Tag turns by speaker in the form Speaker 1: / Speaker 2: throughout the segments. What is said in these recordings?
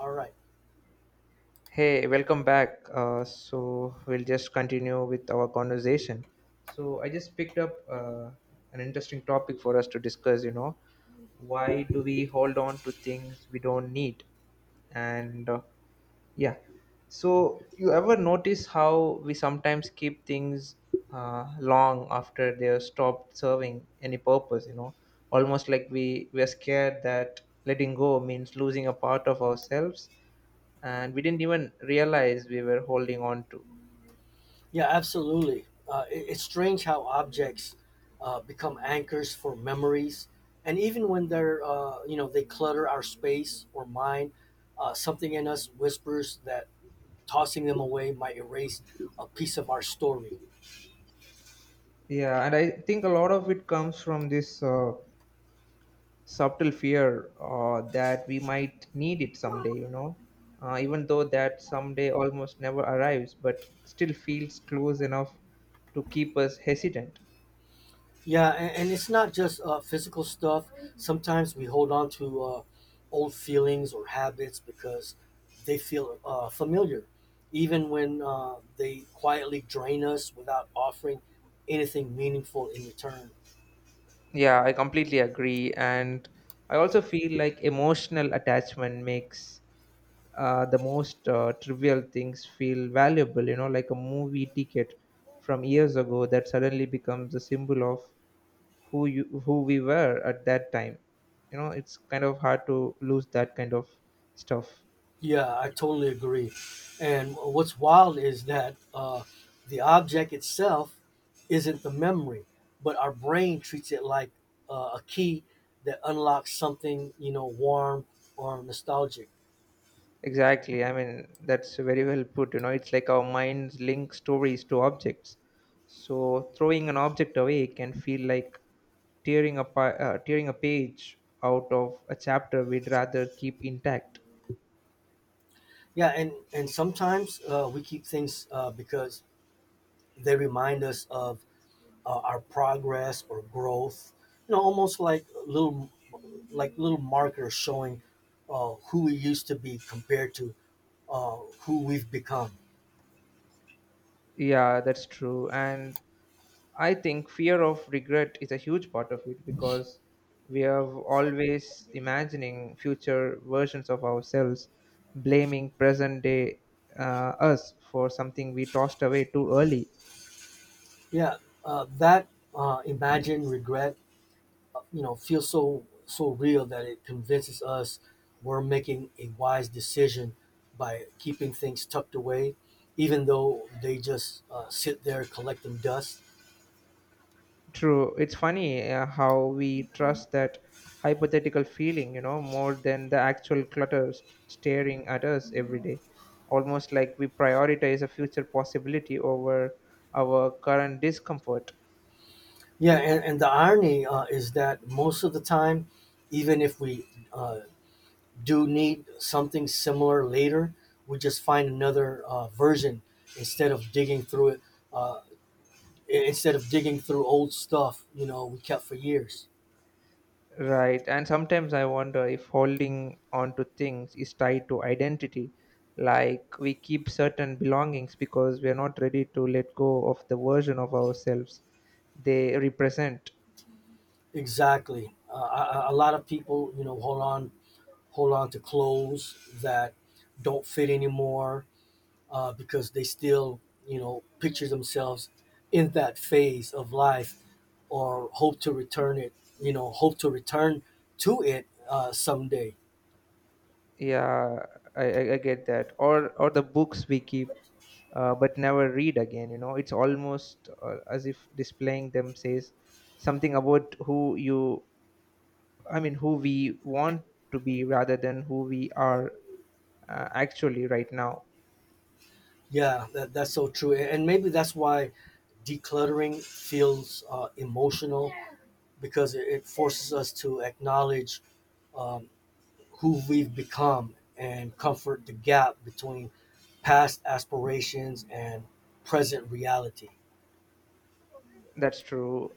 Speaker 1: All right.
Speaker 2: Hey, welcome back. So we'll just continue with our conversation. So I just picked up an interesting topic for us to discuss. You know, why do we hold on to things we don't need? And uh, yeah, so you ever notice how we sometimes keep things long after they're stopped serving any purpose? You know, almost like we we're scared that letting go means losing a part of ourselves and we didn't even realize we were holding on to.
Speaker 1: Yeah, absolutely. It's strange how objects become anchors for memories, and even when they're you know they clutter our space or mind, something in us whispers that tossing them away might erase a piece of our story.
Speaker 2: Yeah, and I think a lot of it comes from this subtle fear that we might need it someday, you know, even though that someday almost never arrives, but still feels close enough to keep us hesitant.
Speaker 1: Yeah, and it's not just physical stuff. Sometimes we hold on to old feelings or habits because they feel familiar, even when they quietly drain us without offering anything meaningful in return.
Speaker 2: Yeah, I completely agree. And I also feel like emotional attachment makes the most trivial things feel valuable, you know, like a movie ticket from years ago that suddenly becomes a symbol of who we were at that time. You know, it's kind of hard to lose that kind of stuff.
Speaker 1: Yeah, I totally agree. And what's wild is that the object itself isn't the memory, but our brain treats it like a key that unlocks something, you know, warm or nostalgic.
Speaker 2: Exactly. I mean, that's very well put. You know, it's like our minds link stories to objects, so throwing an object away can feel like tearing a page out of a chapter we'd rather keep intact.
Speaker 1: Yeah, and sometimes we keep things because they remind us of our progress or growth. You know, almost like little markers showing who we used to be compared to who we've become.
Speaker 2: Yeah, that's true. And I think fear of regret is a huge part of it because we are always imagining future versions of ourselves, blaming present day us for something we tossed away too early.
Speaker 1: Yeah, that imagine regret, you know, feels so real that it convinces us we're making a wise decision by keeping things tucked away, even though they just sit there collecting dust.
Speaker 2: True. It's funny how we trust that hypothetical feeling, you know, more than the actual clutter staring at us every day. Almost like we prioritize a future possibility over our current discomfort.
Speaker 1: Yeah, and the irony is that most of the time, even if we do need something similar later, we just find another version instead of digging through it uh, I- instead of digging through old stuff, you know, we kept for years.
Speaker 2: Right. And sometimes I wonder if holding on to things is tied to identity. Like we keep certain belongings because we are not ready to let go of the version of ourselves they represent.
Speaker 1: Exactly. A lot of people, you know, hold on to clothes that don't fit anymore because they still, you know, picture themselves in that phase of life or hope to return to it someday.
Speaker 2: Yeah, I get that. Or the books we keep but never read again. You know, it's almost as if displaying them says something about who you, I mean, who we want to be rather than who we are actually right now.
Speaker 1: Yeah, that's so true. And maybe that's why decluttering feels emotional because it forces us to acknowledge um, who we've become and comfort the gap between past aspirations and present reality.
Speaker 2: That's true.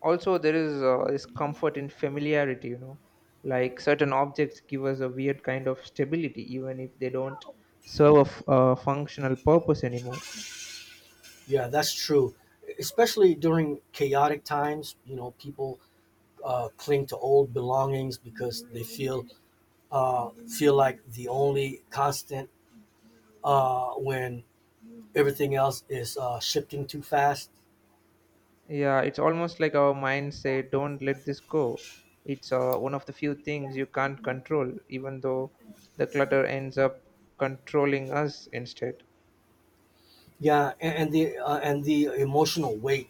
Speaker 2: Also, there is this comfort in familiarity, you know, like certain objects give us a weird kind of stability, even if they don't serve a a functional purpose anymore.
Speaker 1: Yeah, that's true. Especially during chaotic times, you know, people cling to old belongings because they feel like the only constant when everything else is shifting too fast.
Speaker 2: Yeah, it's almost like our minds say, don't let this go. It's one of the few things you can't control, even though the clutter ends up controlling us instead.
Speaker 1: Yeah, and the emotional weight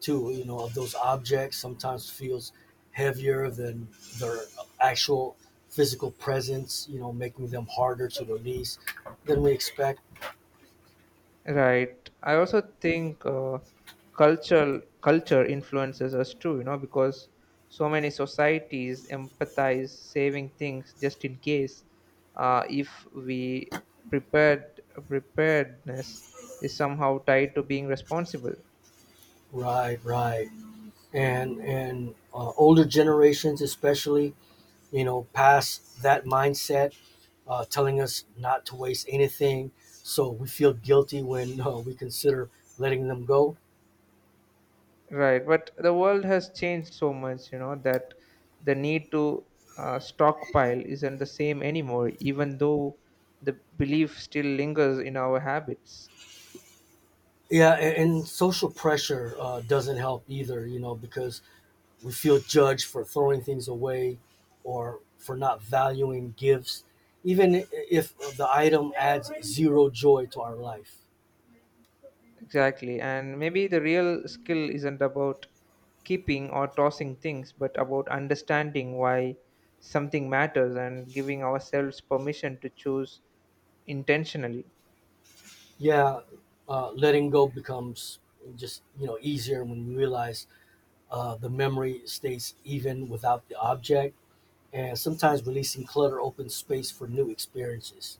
Speaker 1: too, you know, of those objects sometimes feels heavier than their actual physical presence, you know, making them harder to release than we expect.
Speaker 2: Right. I also think cultural culture influences us too, you know, because so many societies empathize saving things just in case. If we prepared preparedness is somehow tied to being responsible.
Speaker 1: Right, right. And older generations especially, you know, past that mindset telling us not to waste anything. So we feel guilty when we consider letting them go.
Speaker 2: Right, but the world has changed so much, you know, that the need to stockpile isn't the same anymore, even though the belief still lingers in our habits.
Speaker 1: Yeah, and social pressure doesn't help either, you know, because we feel judged for throwing things away or for not valuing gifts, even if the item adds zero joy to our life.
Speaker 2: Exactly. And maybe the real skill isn't about keeping or tossing things, but about understanding why something matters and giving ourselves permission to choose intentionally.
Speaker 1: Yeah, letting go becomes just, you know, easier when we realize the memory stays even without the object. And sometimes releasing clutter opens space for new experiences.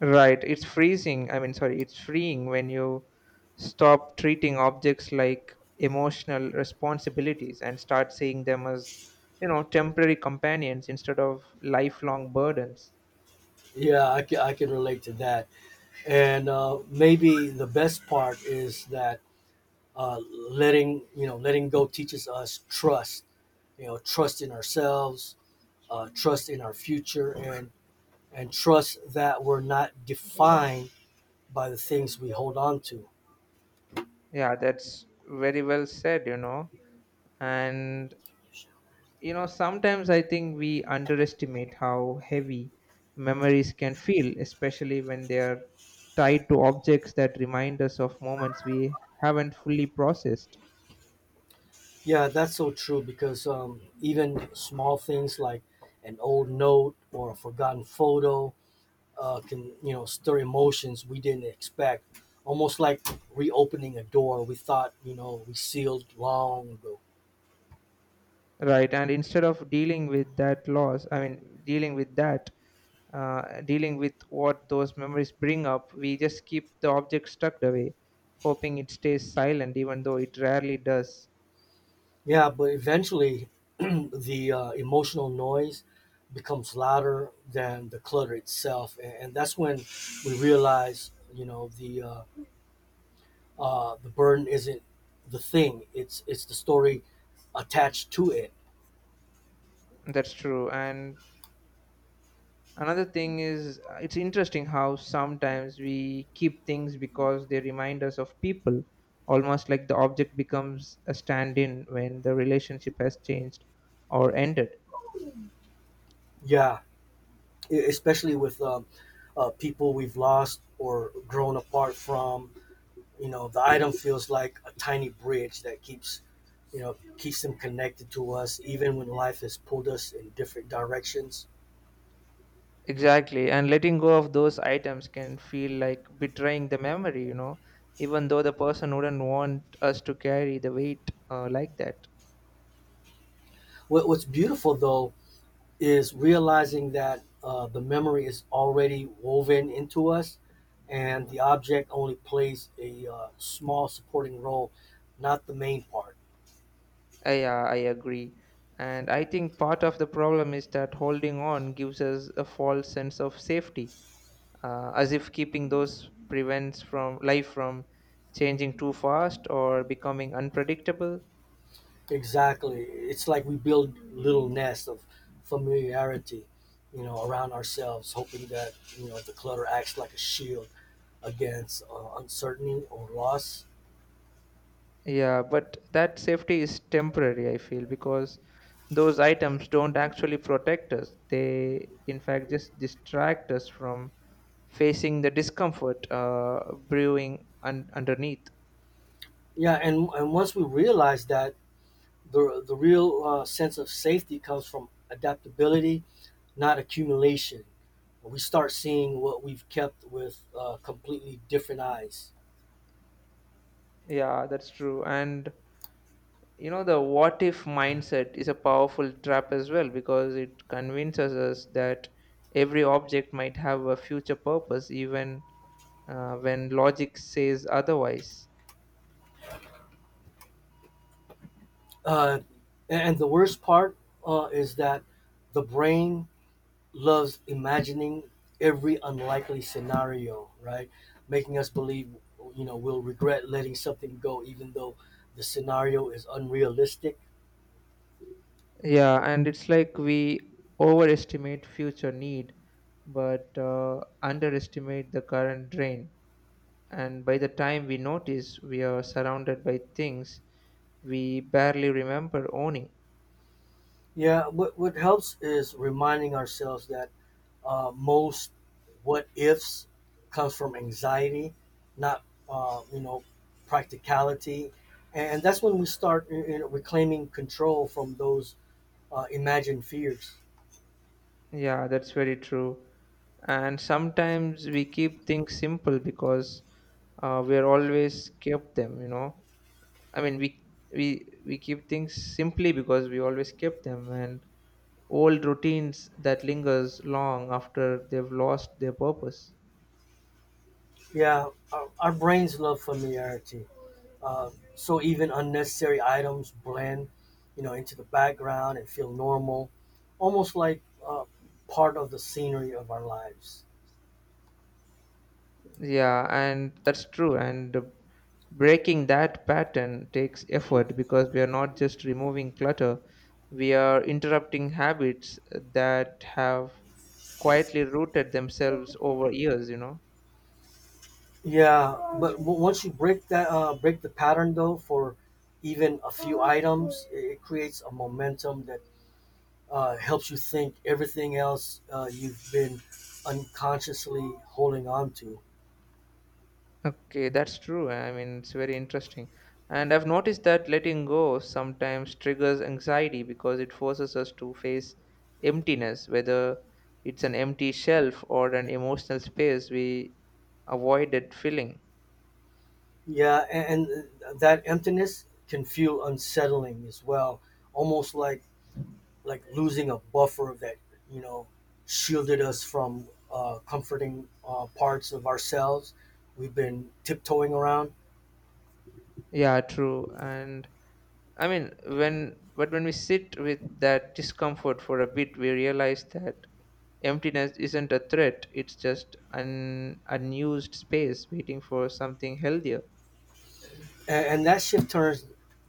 Speaker 2: Right. It's freezing. I mean, sorry, it's freeing when you stop treating objects like emotional responsibilities and start seeing them as, you know, temporary companions instead of lifelong burdens.
Speaker 1: Yeah, I can relate to that, and maybe the best part is that uh, letting you know letting go teaches us trust, you know, trust in ourselves, trust in our future, and trust that we're not defined by the things we hold on to.
Speaker 2: Yeah, that's very well said, you know. And You know, sometimes I think we underestimate how heavy memories can feel, especially when they are tied to objects that remind us of moments we haven't fully processed.
Speaker 1: Yeah, that's so true, because even small things like an old note or a forgotten photo can, you know, stir emotions we didn't expect. Almost like reopening a door we thought, you know, we sealed long ago.
Speaker 2: Right, and instead of dealing with that loss, I mean, dealing with that, dealing with what those memories bring up, we just keep the object tucked away, hoping it stays silent, even though it rarely does.
Speaker 1: Yeah, but eventually the emotional noise becomes louder than the clutter itself, and, that's when we realize, you know, the burden isn't the thing; it's the story attached to it.
Speaker 2: That's true. And another thing is it's interesting how sometimes we keep things because they remind us of people, almost like the object becomes a stand-in when the relationship has changed or ended.
Speaker 1: Yeah, especially with people we've lost or grown apart from. You know, the item feels like a tiny bridge that keeps them connected to us, even when life has pulled us in different directions.
Speaker 2: Exactly, and letting go of those items can feel like betraying the memory, you know, even though the person wouldn't want us to carry the weight like that.
Speaker 1: What's beautiful though is realizing that the memory is already woven into us, and the object only plays a small supporting role, not the main part.
Speaker 2: Yeah, I agree, and I think part of the problem is that holding on gives us a false sense of safety, as if keeping those prevents from life from changing too fast or becoming unpredictable.
Speaker 1: Exactly, it's like we build little nests of familiarity, you know, around ourselves, hoping that, you know, the clutter acts like a shield against uncertainty or loss.
Speaker 2: Yeah, but that safety is temporary, I feel, because those items don't actually protect us, they in fact just distract us from facing the discomfort brewing underneath.
Speaker 1: Yeah, and once we realize that the real sense of safety comes from adaptability, not accumulation. We start seeing what we've kept with completely different eyes.
Speaker 2: Yeah, that's true. And you know, the what if mindset is a powerful trap as well because it convinces us that every object might have a future purpose, even when logic says otherwise.
Speaker 1: Uh, and the worst part is that the brain loves imagining every unlikely scenario, right? Making us believe, you know, we'll regret letting something go, even though the scenario is unrealistic.
Speaker 2: Yeah, and it's like we overestimate future need but underestimate the current drain, and by the time we notice we are surrounded by things we barely remember owning.
Speaker 1: Yeah, what helps is reminding ourselves that most what ifs comes from anxiety, not practicality, and that's when we start you know, reclaiming control from those imagined fears.
Speaker 2: Yeah, that's very true. And sometimes we keep things simple because we're always kept them, you know. I mean, we keep things simply because we always kept them, and old routines that lingers long after they've lost their purpose.
Speaker 1: Yeah, our brains love familiarity, uh, so even unnecessary items blend, you know, into the background and feel normal, almost like part of the scenery of our lives.
Speaker 2: Yeah, and that's true. And breaking that pattern takes effort because we are not just removing clutter, we are interrupting habits that have quietly rooted themselves over years, you know.
Speaker 1: Yeah, but w- once you break that break the pattern though, for even a few items, it creates a momentum that helps you think everything else you've been unconsciously holding on to.
Speaker 2: Okay, that's true. I mean, it's very interesting, and I've noticed that letting go sometimes triggers anxiety because it forces us to face emptiness, whether it's an empty shelf or an emotional space we avoided filling.
Speaker 1: Yeah, and that emptiness can feel unsettling as well, almost like losing a buffer that, you know, shielded us from comforting parts of ourselves we've been tiptoeing around.
Speaker 2: Yeah, true. And I mean, when we sit with that discomfort for a bit we realize that emptiness isn't a threat, it's just an unused space waiting for something healthier.
Speaker 1: And, that shift turns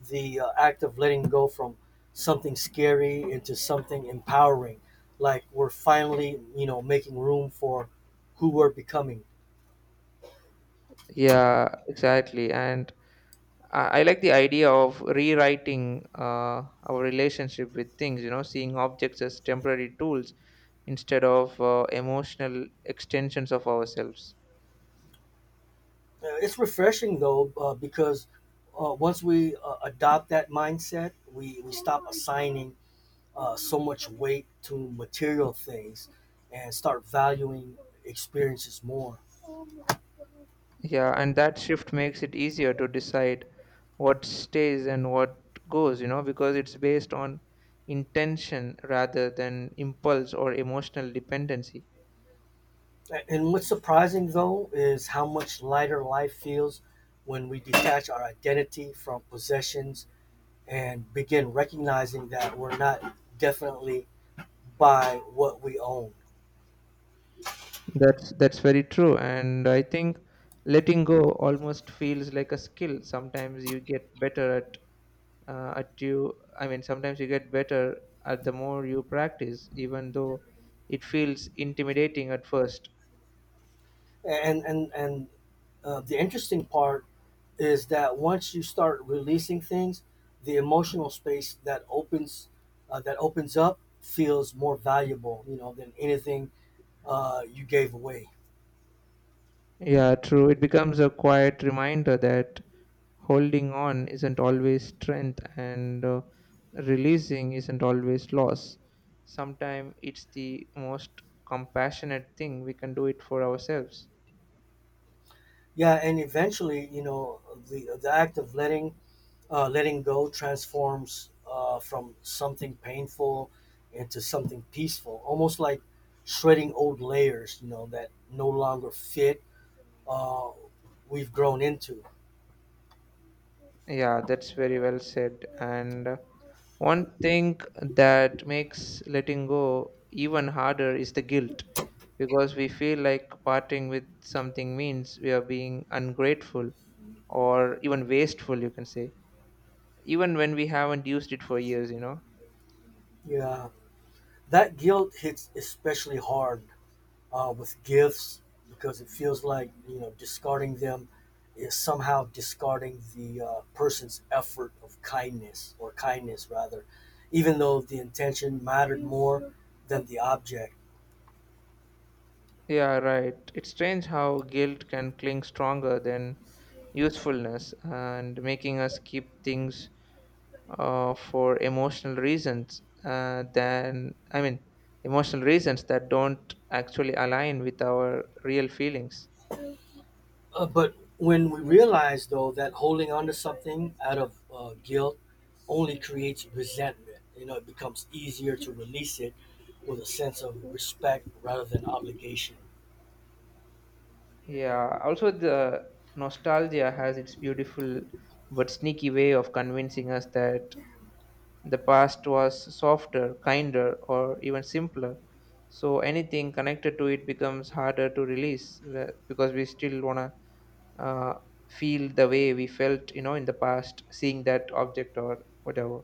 Speaker 1: the act of letting go from something scary into something empowering, like we're finally, you know, making room for who we're becoming.
Speaker 2: Yeah, exactly. And I like the idea of rewriting our relationship with things, you know, seeing objects as temporary tools instead of emotional extensions of ourselves.
Speaker 1: It's refreshing though, because once we adopt that mindset, we stop assigning so much weight to material things and start valuing experiences more.
Speaker 2: Yeah, and that shift makes it easier to decide what stays and what goes, you know, because it's based on intention rather than impulse or emotional dependency.
Speaker 1: And what's surprising though is how much lighter life feels when we detach our identity from possessions and begin recognizing that we're not definitely by what we own.
Speaker 2: That's very true, and I think letting go almost feels like a skill. Sometimes you get better at uh, at you. Sometimes you get better at the more you practice, even though it feels intimidating at first.
Speaker 1: And the interesting part is that once you start releasing things, the emotional space that opens up feels more valuable, you know, than anything you gave away.
Speaker 2: Yeah, true. It becomes a quiet reminder that holding on isn't always strength, and releasing isn't always loss. Sometimes it's the most compassionate thing we can do it for ourselves.
Speaker 1: Yeah, and eventually, you know, the act of letting go transforms from something painful into something peaceful, almost like shredding old layers, you know, that no longer fit. Uh, we've grown into.
Speaker 2: Yeah, that's very well said. And one thing that makes letting go even harder is the guilt, because we feel like parting with something means we are being ungrateful or even wasteful, you can say, even when we haven't used it for years, you know.
Speaker 1: Yeah, that guilt hits especially hard with gifts because it feels like, you know, discarding them is somehow discarding the person's effort of kindness, or kindness rather, even though the intention mattered more than the object.
Speaker 2: Yeah, right. It's strange how guilt can cling stronger than usefulness and making us keep things for emotional reasons than I mean emotional reasons that don't actually align with our real feelings.
Speaker 1: But when we realize though that holding on to something out of guilt only creates resentment, you know, it becomes easier to release it with a sense of respect rather than obligation.
Speaker 2: Yeah, also the nostalgia has its beautiful but sneaky way of convincing us that the past was softer, kinder, or even simpler. So anything connected to it becomes harder to release because we still wanna uh, feel the way we felt, you know, in the past, seeing that object or whatever.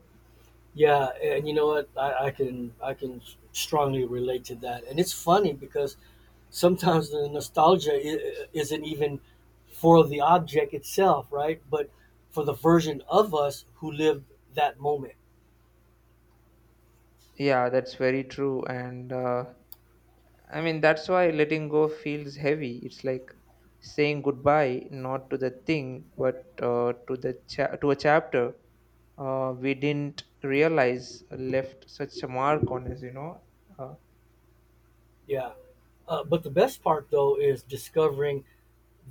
Speaker 1: Yeah, and you know what? I can strongly relate to that, and it's funny because sometimes the nostalgia isn't even for the object itself, right? But for the version of us who lived that moment.
Speaker 2: Yeah, that's very true. And I mean, that's why letting go feels heavy. It's like saying goodbye, not to the thing, but to a chapter we didn't realize left such a mark on us. You know. Uh,
Speaker 1: Yeah. But the best part though is discovering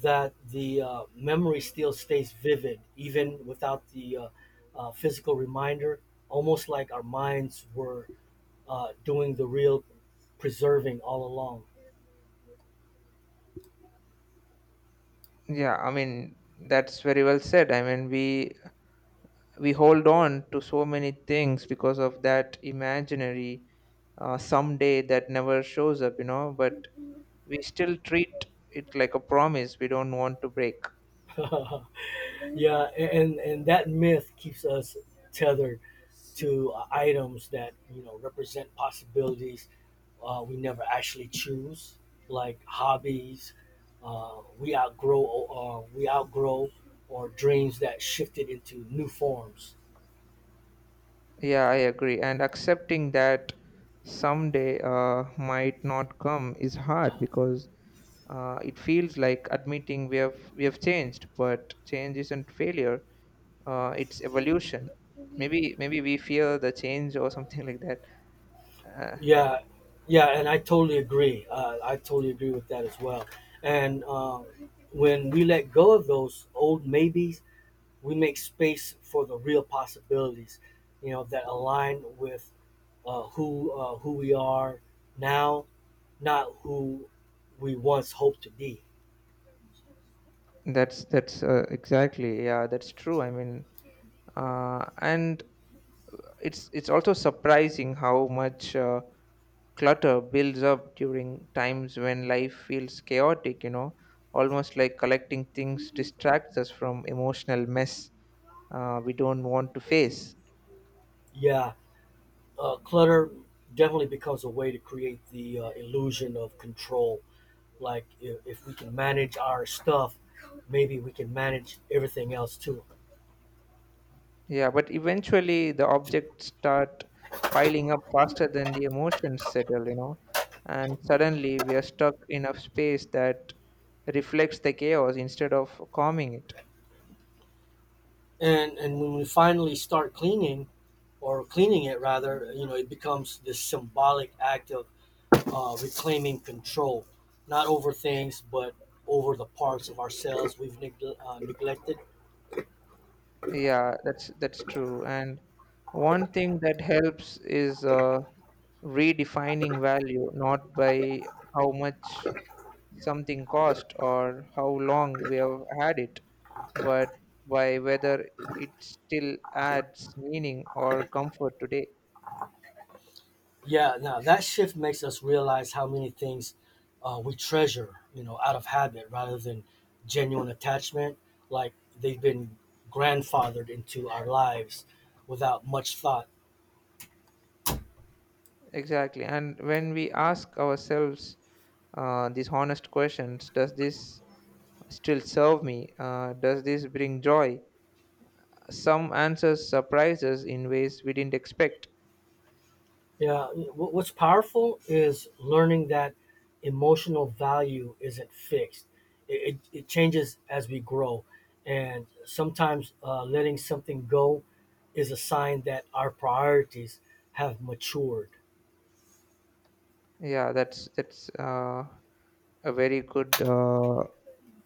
Speaker 1: that the memory still stays vivid even without the physical reminder, almost like our minds were doing the real preserving all along.
Speaker 2: yeah, I mean, that's very well said. I mean, we hold on to so many things because of that imaginary someday that never shows up. You know, but we still treat it like a promise we don't want to break.
Speaker 1: Yeah, and that myth keeps us tethered to items that, you know, represent possibilities we never actually choose, like hobbies we outgrow, or dreams that shifted into new forms.
Speaker 2: Yeah, I agree. And accepting that someday might not come is hard because it feels like admitting we have changed, but change isn't failure. It's evolution. Maybe we fear the change or something like that. Uh,
Speaker 1: Yeah, yeah, and I totally agree. I totally agree with that as well. And when we let go of those old maybes, we make space for the real possibilities, you know, that align with who we are now, not who we once hoped to be.
Speaker 2: that's Exactly, yeah, that's true. I mean, and it's also surprising how much. Clutter builds up during times when life feels chaotic, you know, almost like collecting things distracts us from emotional mess we don't want to face.
Speaker 1: Yeah, clutter definitely becomes a way to create the illusion of control. Like if we can manage our stuff, maybe we can manage everything else too.
Speaker 2: Yeah, but eventually the objects start piling up faster than the emotions settle, you know, and suddenly we are stuck in a space that reflects the chaos instead of calming it.
Speaker 1: And when we finally start cleaning, or cleaning it rather, you know, it becomes this symbolic act of reclaiming control, not over things, but over the parts of ourselves we've neglected.
Speaker 2: Yeah, that's true. And one thing that helps is redefining value, not by how much something cost or how long we have had it, but by whether it still adds meaning or comfort today.
Speaker 1: Yeah, now that shift makes us realize how many things we treasure, you know, out of habit rather than genuine attachment. Like they've been grandfathered into our lives without much thought.
Speaker 2: Exactly. And when we ask ourselves these honest questions, does this still serve me? Does this bring joy? Some answers surprise us in ways we didn't expect.
Speaker 1: Yeah, what's powerful is learning that emotional value isn't fixed. It changes as we grow. And sometimes letting something go is a sign that our priorities have matured.
Speaker 2: Yeah, that's a very good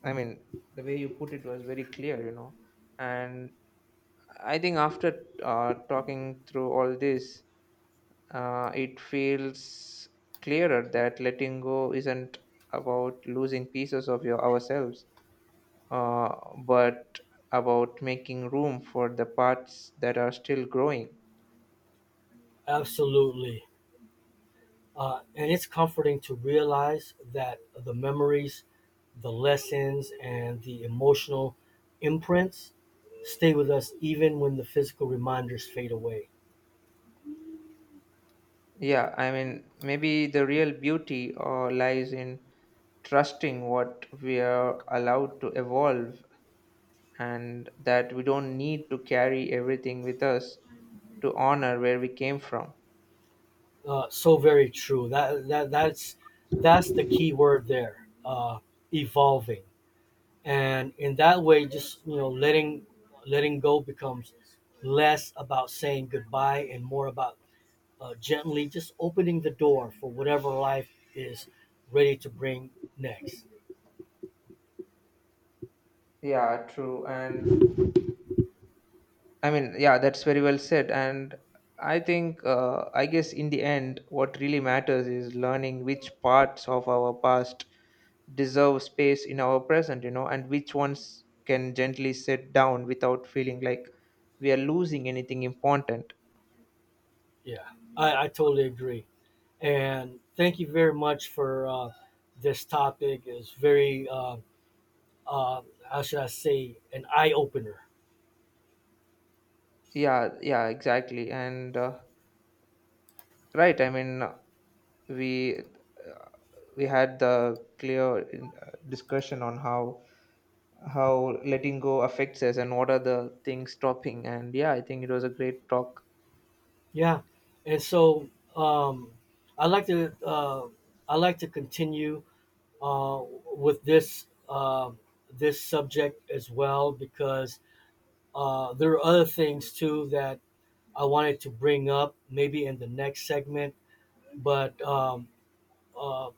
Speaker 2: I mean, the way you put it was very clear, you know. And I think after talking through all this, it feels clearer that letting go isn't about losing pieces of your ourselves, uh, but about making room for the parts that are still growing.
Speaker 1: Absolutely. And it's comforting to realize that the memories, the lessons, and the emotional imprints stay with us even when the physical reminders fade away.
Speaker 2: Yeah, I mean, maybe the real beauty lies in trusting what we are allowed to evolve, and that we don't need to carry everything with us to honor where we came from.
Speaker 1: So very true. That's the key word there. Evolving, and in that way, just, you know, letting go becomes less about saying goodbye and more about gently just opening the door for whatever life is ready to bring next.
Speaker 2: Yeah, true. And I mean, yeah, that's very well said. And I think, I guess in the end, what really matters is learning which parts of our past deserve space in our present, you know, and which ones can gently sit down without feeling like we are losing anything important.
Speaker 1: Yeah, I totally agree. And thank you very much for this topic. It's very, uh, how should I say, an eye opener.
Speaker 2: Yeah, yeah, exactly. And right, I mean, we uh, we had the clear discussion on how letting go affects us and what are the things stopping. And yeah, I think it was a great talk.
Speaker 1: Yeah, and um, I like to uh, I like to continue uh, with this subject as well because there are other things too that I wanted to bring up maybe in the next segment. But uh,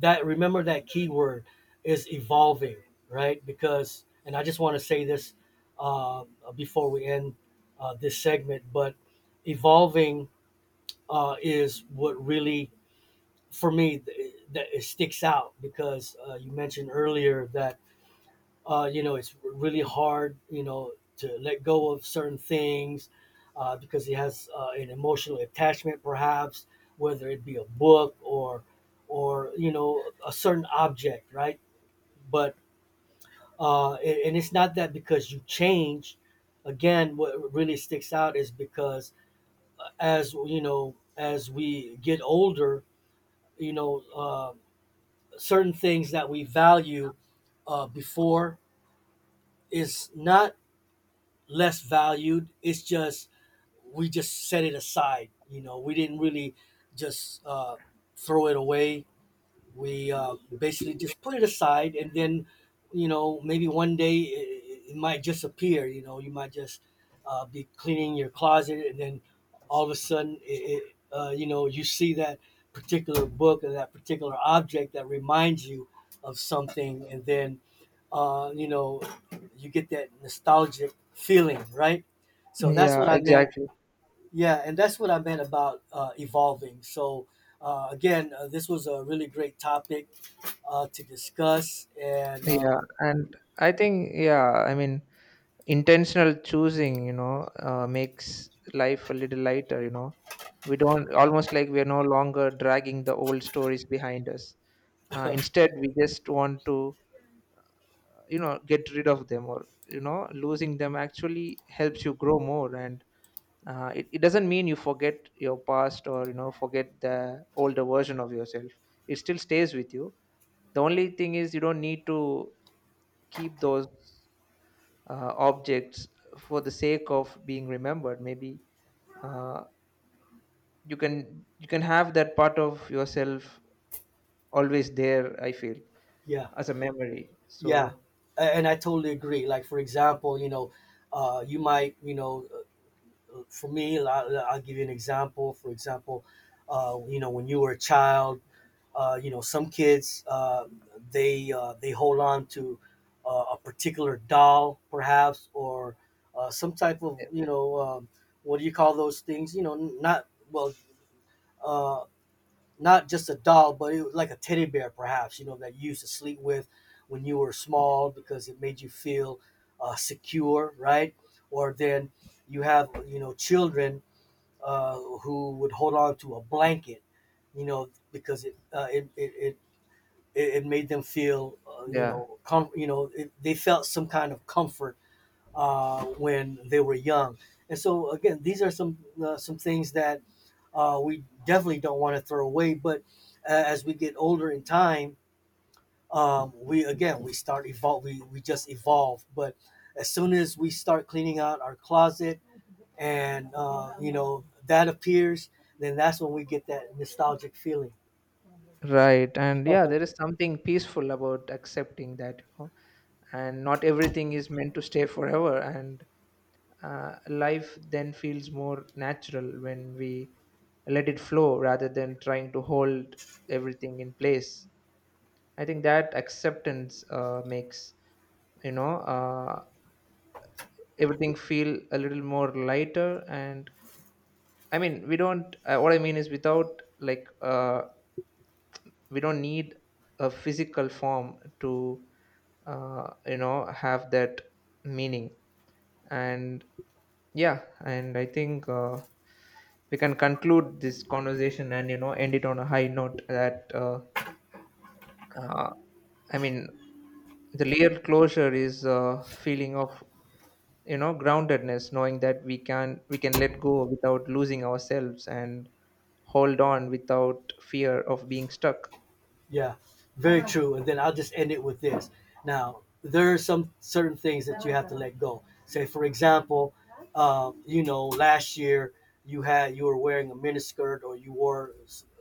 Speaker 1: that remember, that keyword is evolving, right? Because and I just want to say this uh, before we end this segment. But evolving is what really for me that it sticks out because you mentioned earlier that you know, it's really hard, you know, to let go of certain things because he has an emotional attachment perhaps, whether it be a book or you know, a certain object, right? But uh, and and it's not that because you change. Again, what really sticks out is because, as you know, as we get older, you know uh, certain things that we value before is not less valued. It's just we just set it aside. You know, we didn't really just throw it away. We basically just put it aside, and then, you know, maybe one day it might just appear. You know, you might just be cleaning your closet, and then all of a sudden it, you know, you see that particular book or that particular object that reminds you of something, and then, you know, you get that nostalgic feeling, right? So that's
Speaker 2: Yeah,
Speaker 1: what I meant.
Speaker 2: exactly.
Speaker 1: Yeah, and that's what I meant about evolving. So, again, this was a really great topic to discuss, and
Speaker 2: Yeah, and I think, yeah, I mean, intentional choosing, you know, makes life a little lighter, you know. We don't, almost like we are no longer dragging the old stories behind us. uh, instead we just want to, you know, get rid of them, or you know, losing them actually helps you grow more. And it doesn't mean you forget your past, or you know, forget the older version of yourself. It still stays with you. The only thing is you don't need to keep those objects for the sake of being remembered, maybe. uh, you can, you can have that part of yourself always there, I feel,
Speaker 1: yeah,
Speaker 2: as a memory. So
Speaker 1: yeah, and I totally agree. Like, for example, you know, uh, you might, you know, uh, for me, I'll give you an example. For example, you know, when you were a child, you know, some kids they hold on to a particular doll, perhaps, or some type of, you know, what do you call those things? You know, not, well, uh, not just a doll, but it was like a teddy bear, perhaps. You know, that you used to sleep with when you were small because it made you feel secure, right? Or then you have, you know, children who would hold on to a blanket, you know, because it made them feel, you
Speaker 2: yeah.
Speaker 1: know, you know, they felt some kind of comfort when they were young. And so again, these are some things that we definitely don't want to throw away. But as we get older in time, we again we start evolve. We just evolve. But as soon as we start cleaning out our closet, and you know, that appears, then that's when we get that nostalgic feeling.
Speaker 2: Right. And yeah, there is something peaceful about accepting that, you know, and not everything is meant to stay forever. And life then feels more natural when we let it flow rather than trying to hold everything in place. I think that acceptance makes, you know, uh, everything feel a little more lighter. And I mean, we don't, what I mean is, without like, we don't need a physical form to, you know, have that meaning. And yeah, and I think, we can conclude this conversation and you know, end it on a high note that uh, I mean, the real closure is a feeling of, you know, groundedness, knowing that we can let go without losing ourselves, and hold on without fear of being stuck.
Speaker 1: Yeah, very true. And then I'll just end it with this. Now, there are some certain things that you have to let go. Say, for example, you know, last year you were wearing a miniskirt, or you wore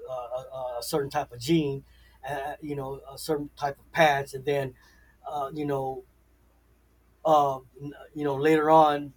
Speaker 1: a certain type of jean, you know, a certain type of pants, and then uh, you know, uh, you know, later on,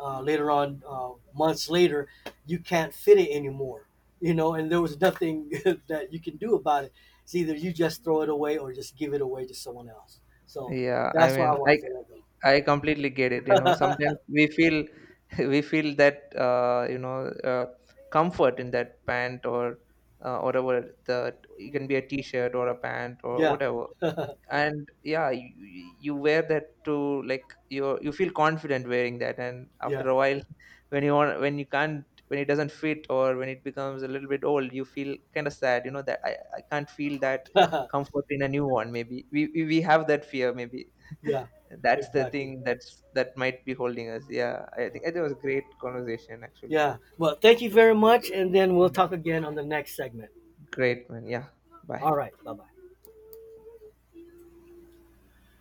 Speaker 1: months later, you can't fit it anymore. You know, and there was nothing that you can do about it. It's either you just throw it away or just give it away to someone else. So
Speaker 2: Yeah, I
Speaker 1: that's why I
Speaker 2: mean, like,
Speaker 1: wanted to let
Speaker 2: I completely get it. You know,
Speaker 1: go.
Speaker 2: sometimes we feel we feel that, you know, comfort in that pant, or whatever, the it can be a t-shirt or a pant or
Speaker 1: yeah,
Speaker 2: whatever. And yeah, you wear that to, like, you feel confident wearing that, and
Speaker 1: yeah,
Speaker 2: after a while when you want, when you can't, when it doesn't fit or when it becomes a little bit old, you feel kind of sad, you know, I can't feel that comfort in a new one, maybe. We have that fear maybe.
Speaker 1: yeah,
Speaker 2: That's the
Speaker 1: exactly.
Speaker 2: thing, that's that might be holding us. Yeah, I
Speaker 1: Yeah.
Speaker 2: think it was a great conversation actually.
Speaker 1: Yeah. Well, thank you very much, and then we'll
Speaker 2: Yeah,
Speaker 1: talk again on the next segment.
Speaker 2: great man. Yeah, bye.
Speaker 1: All right. Bye bye.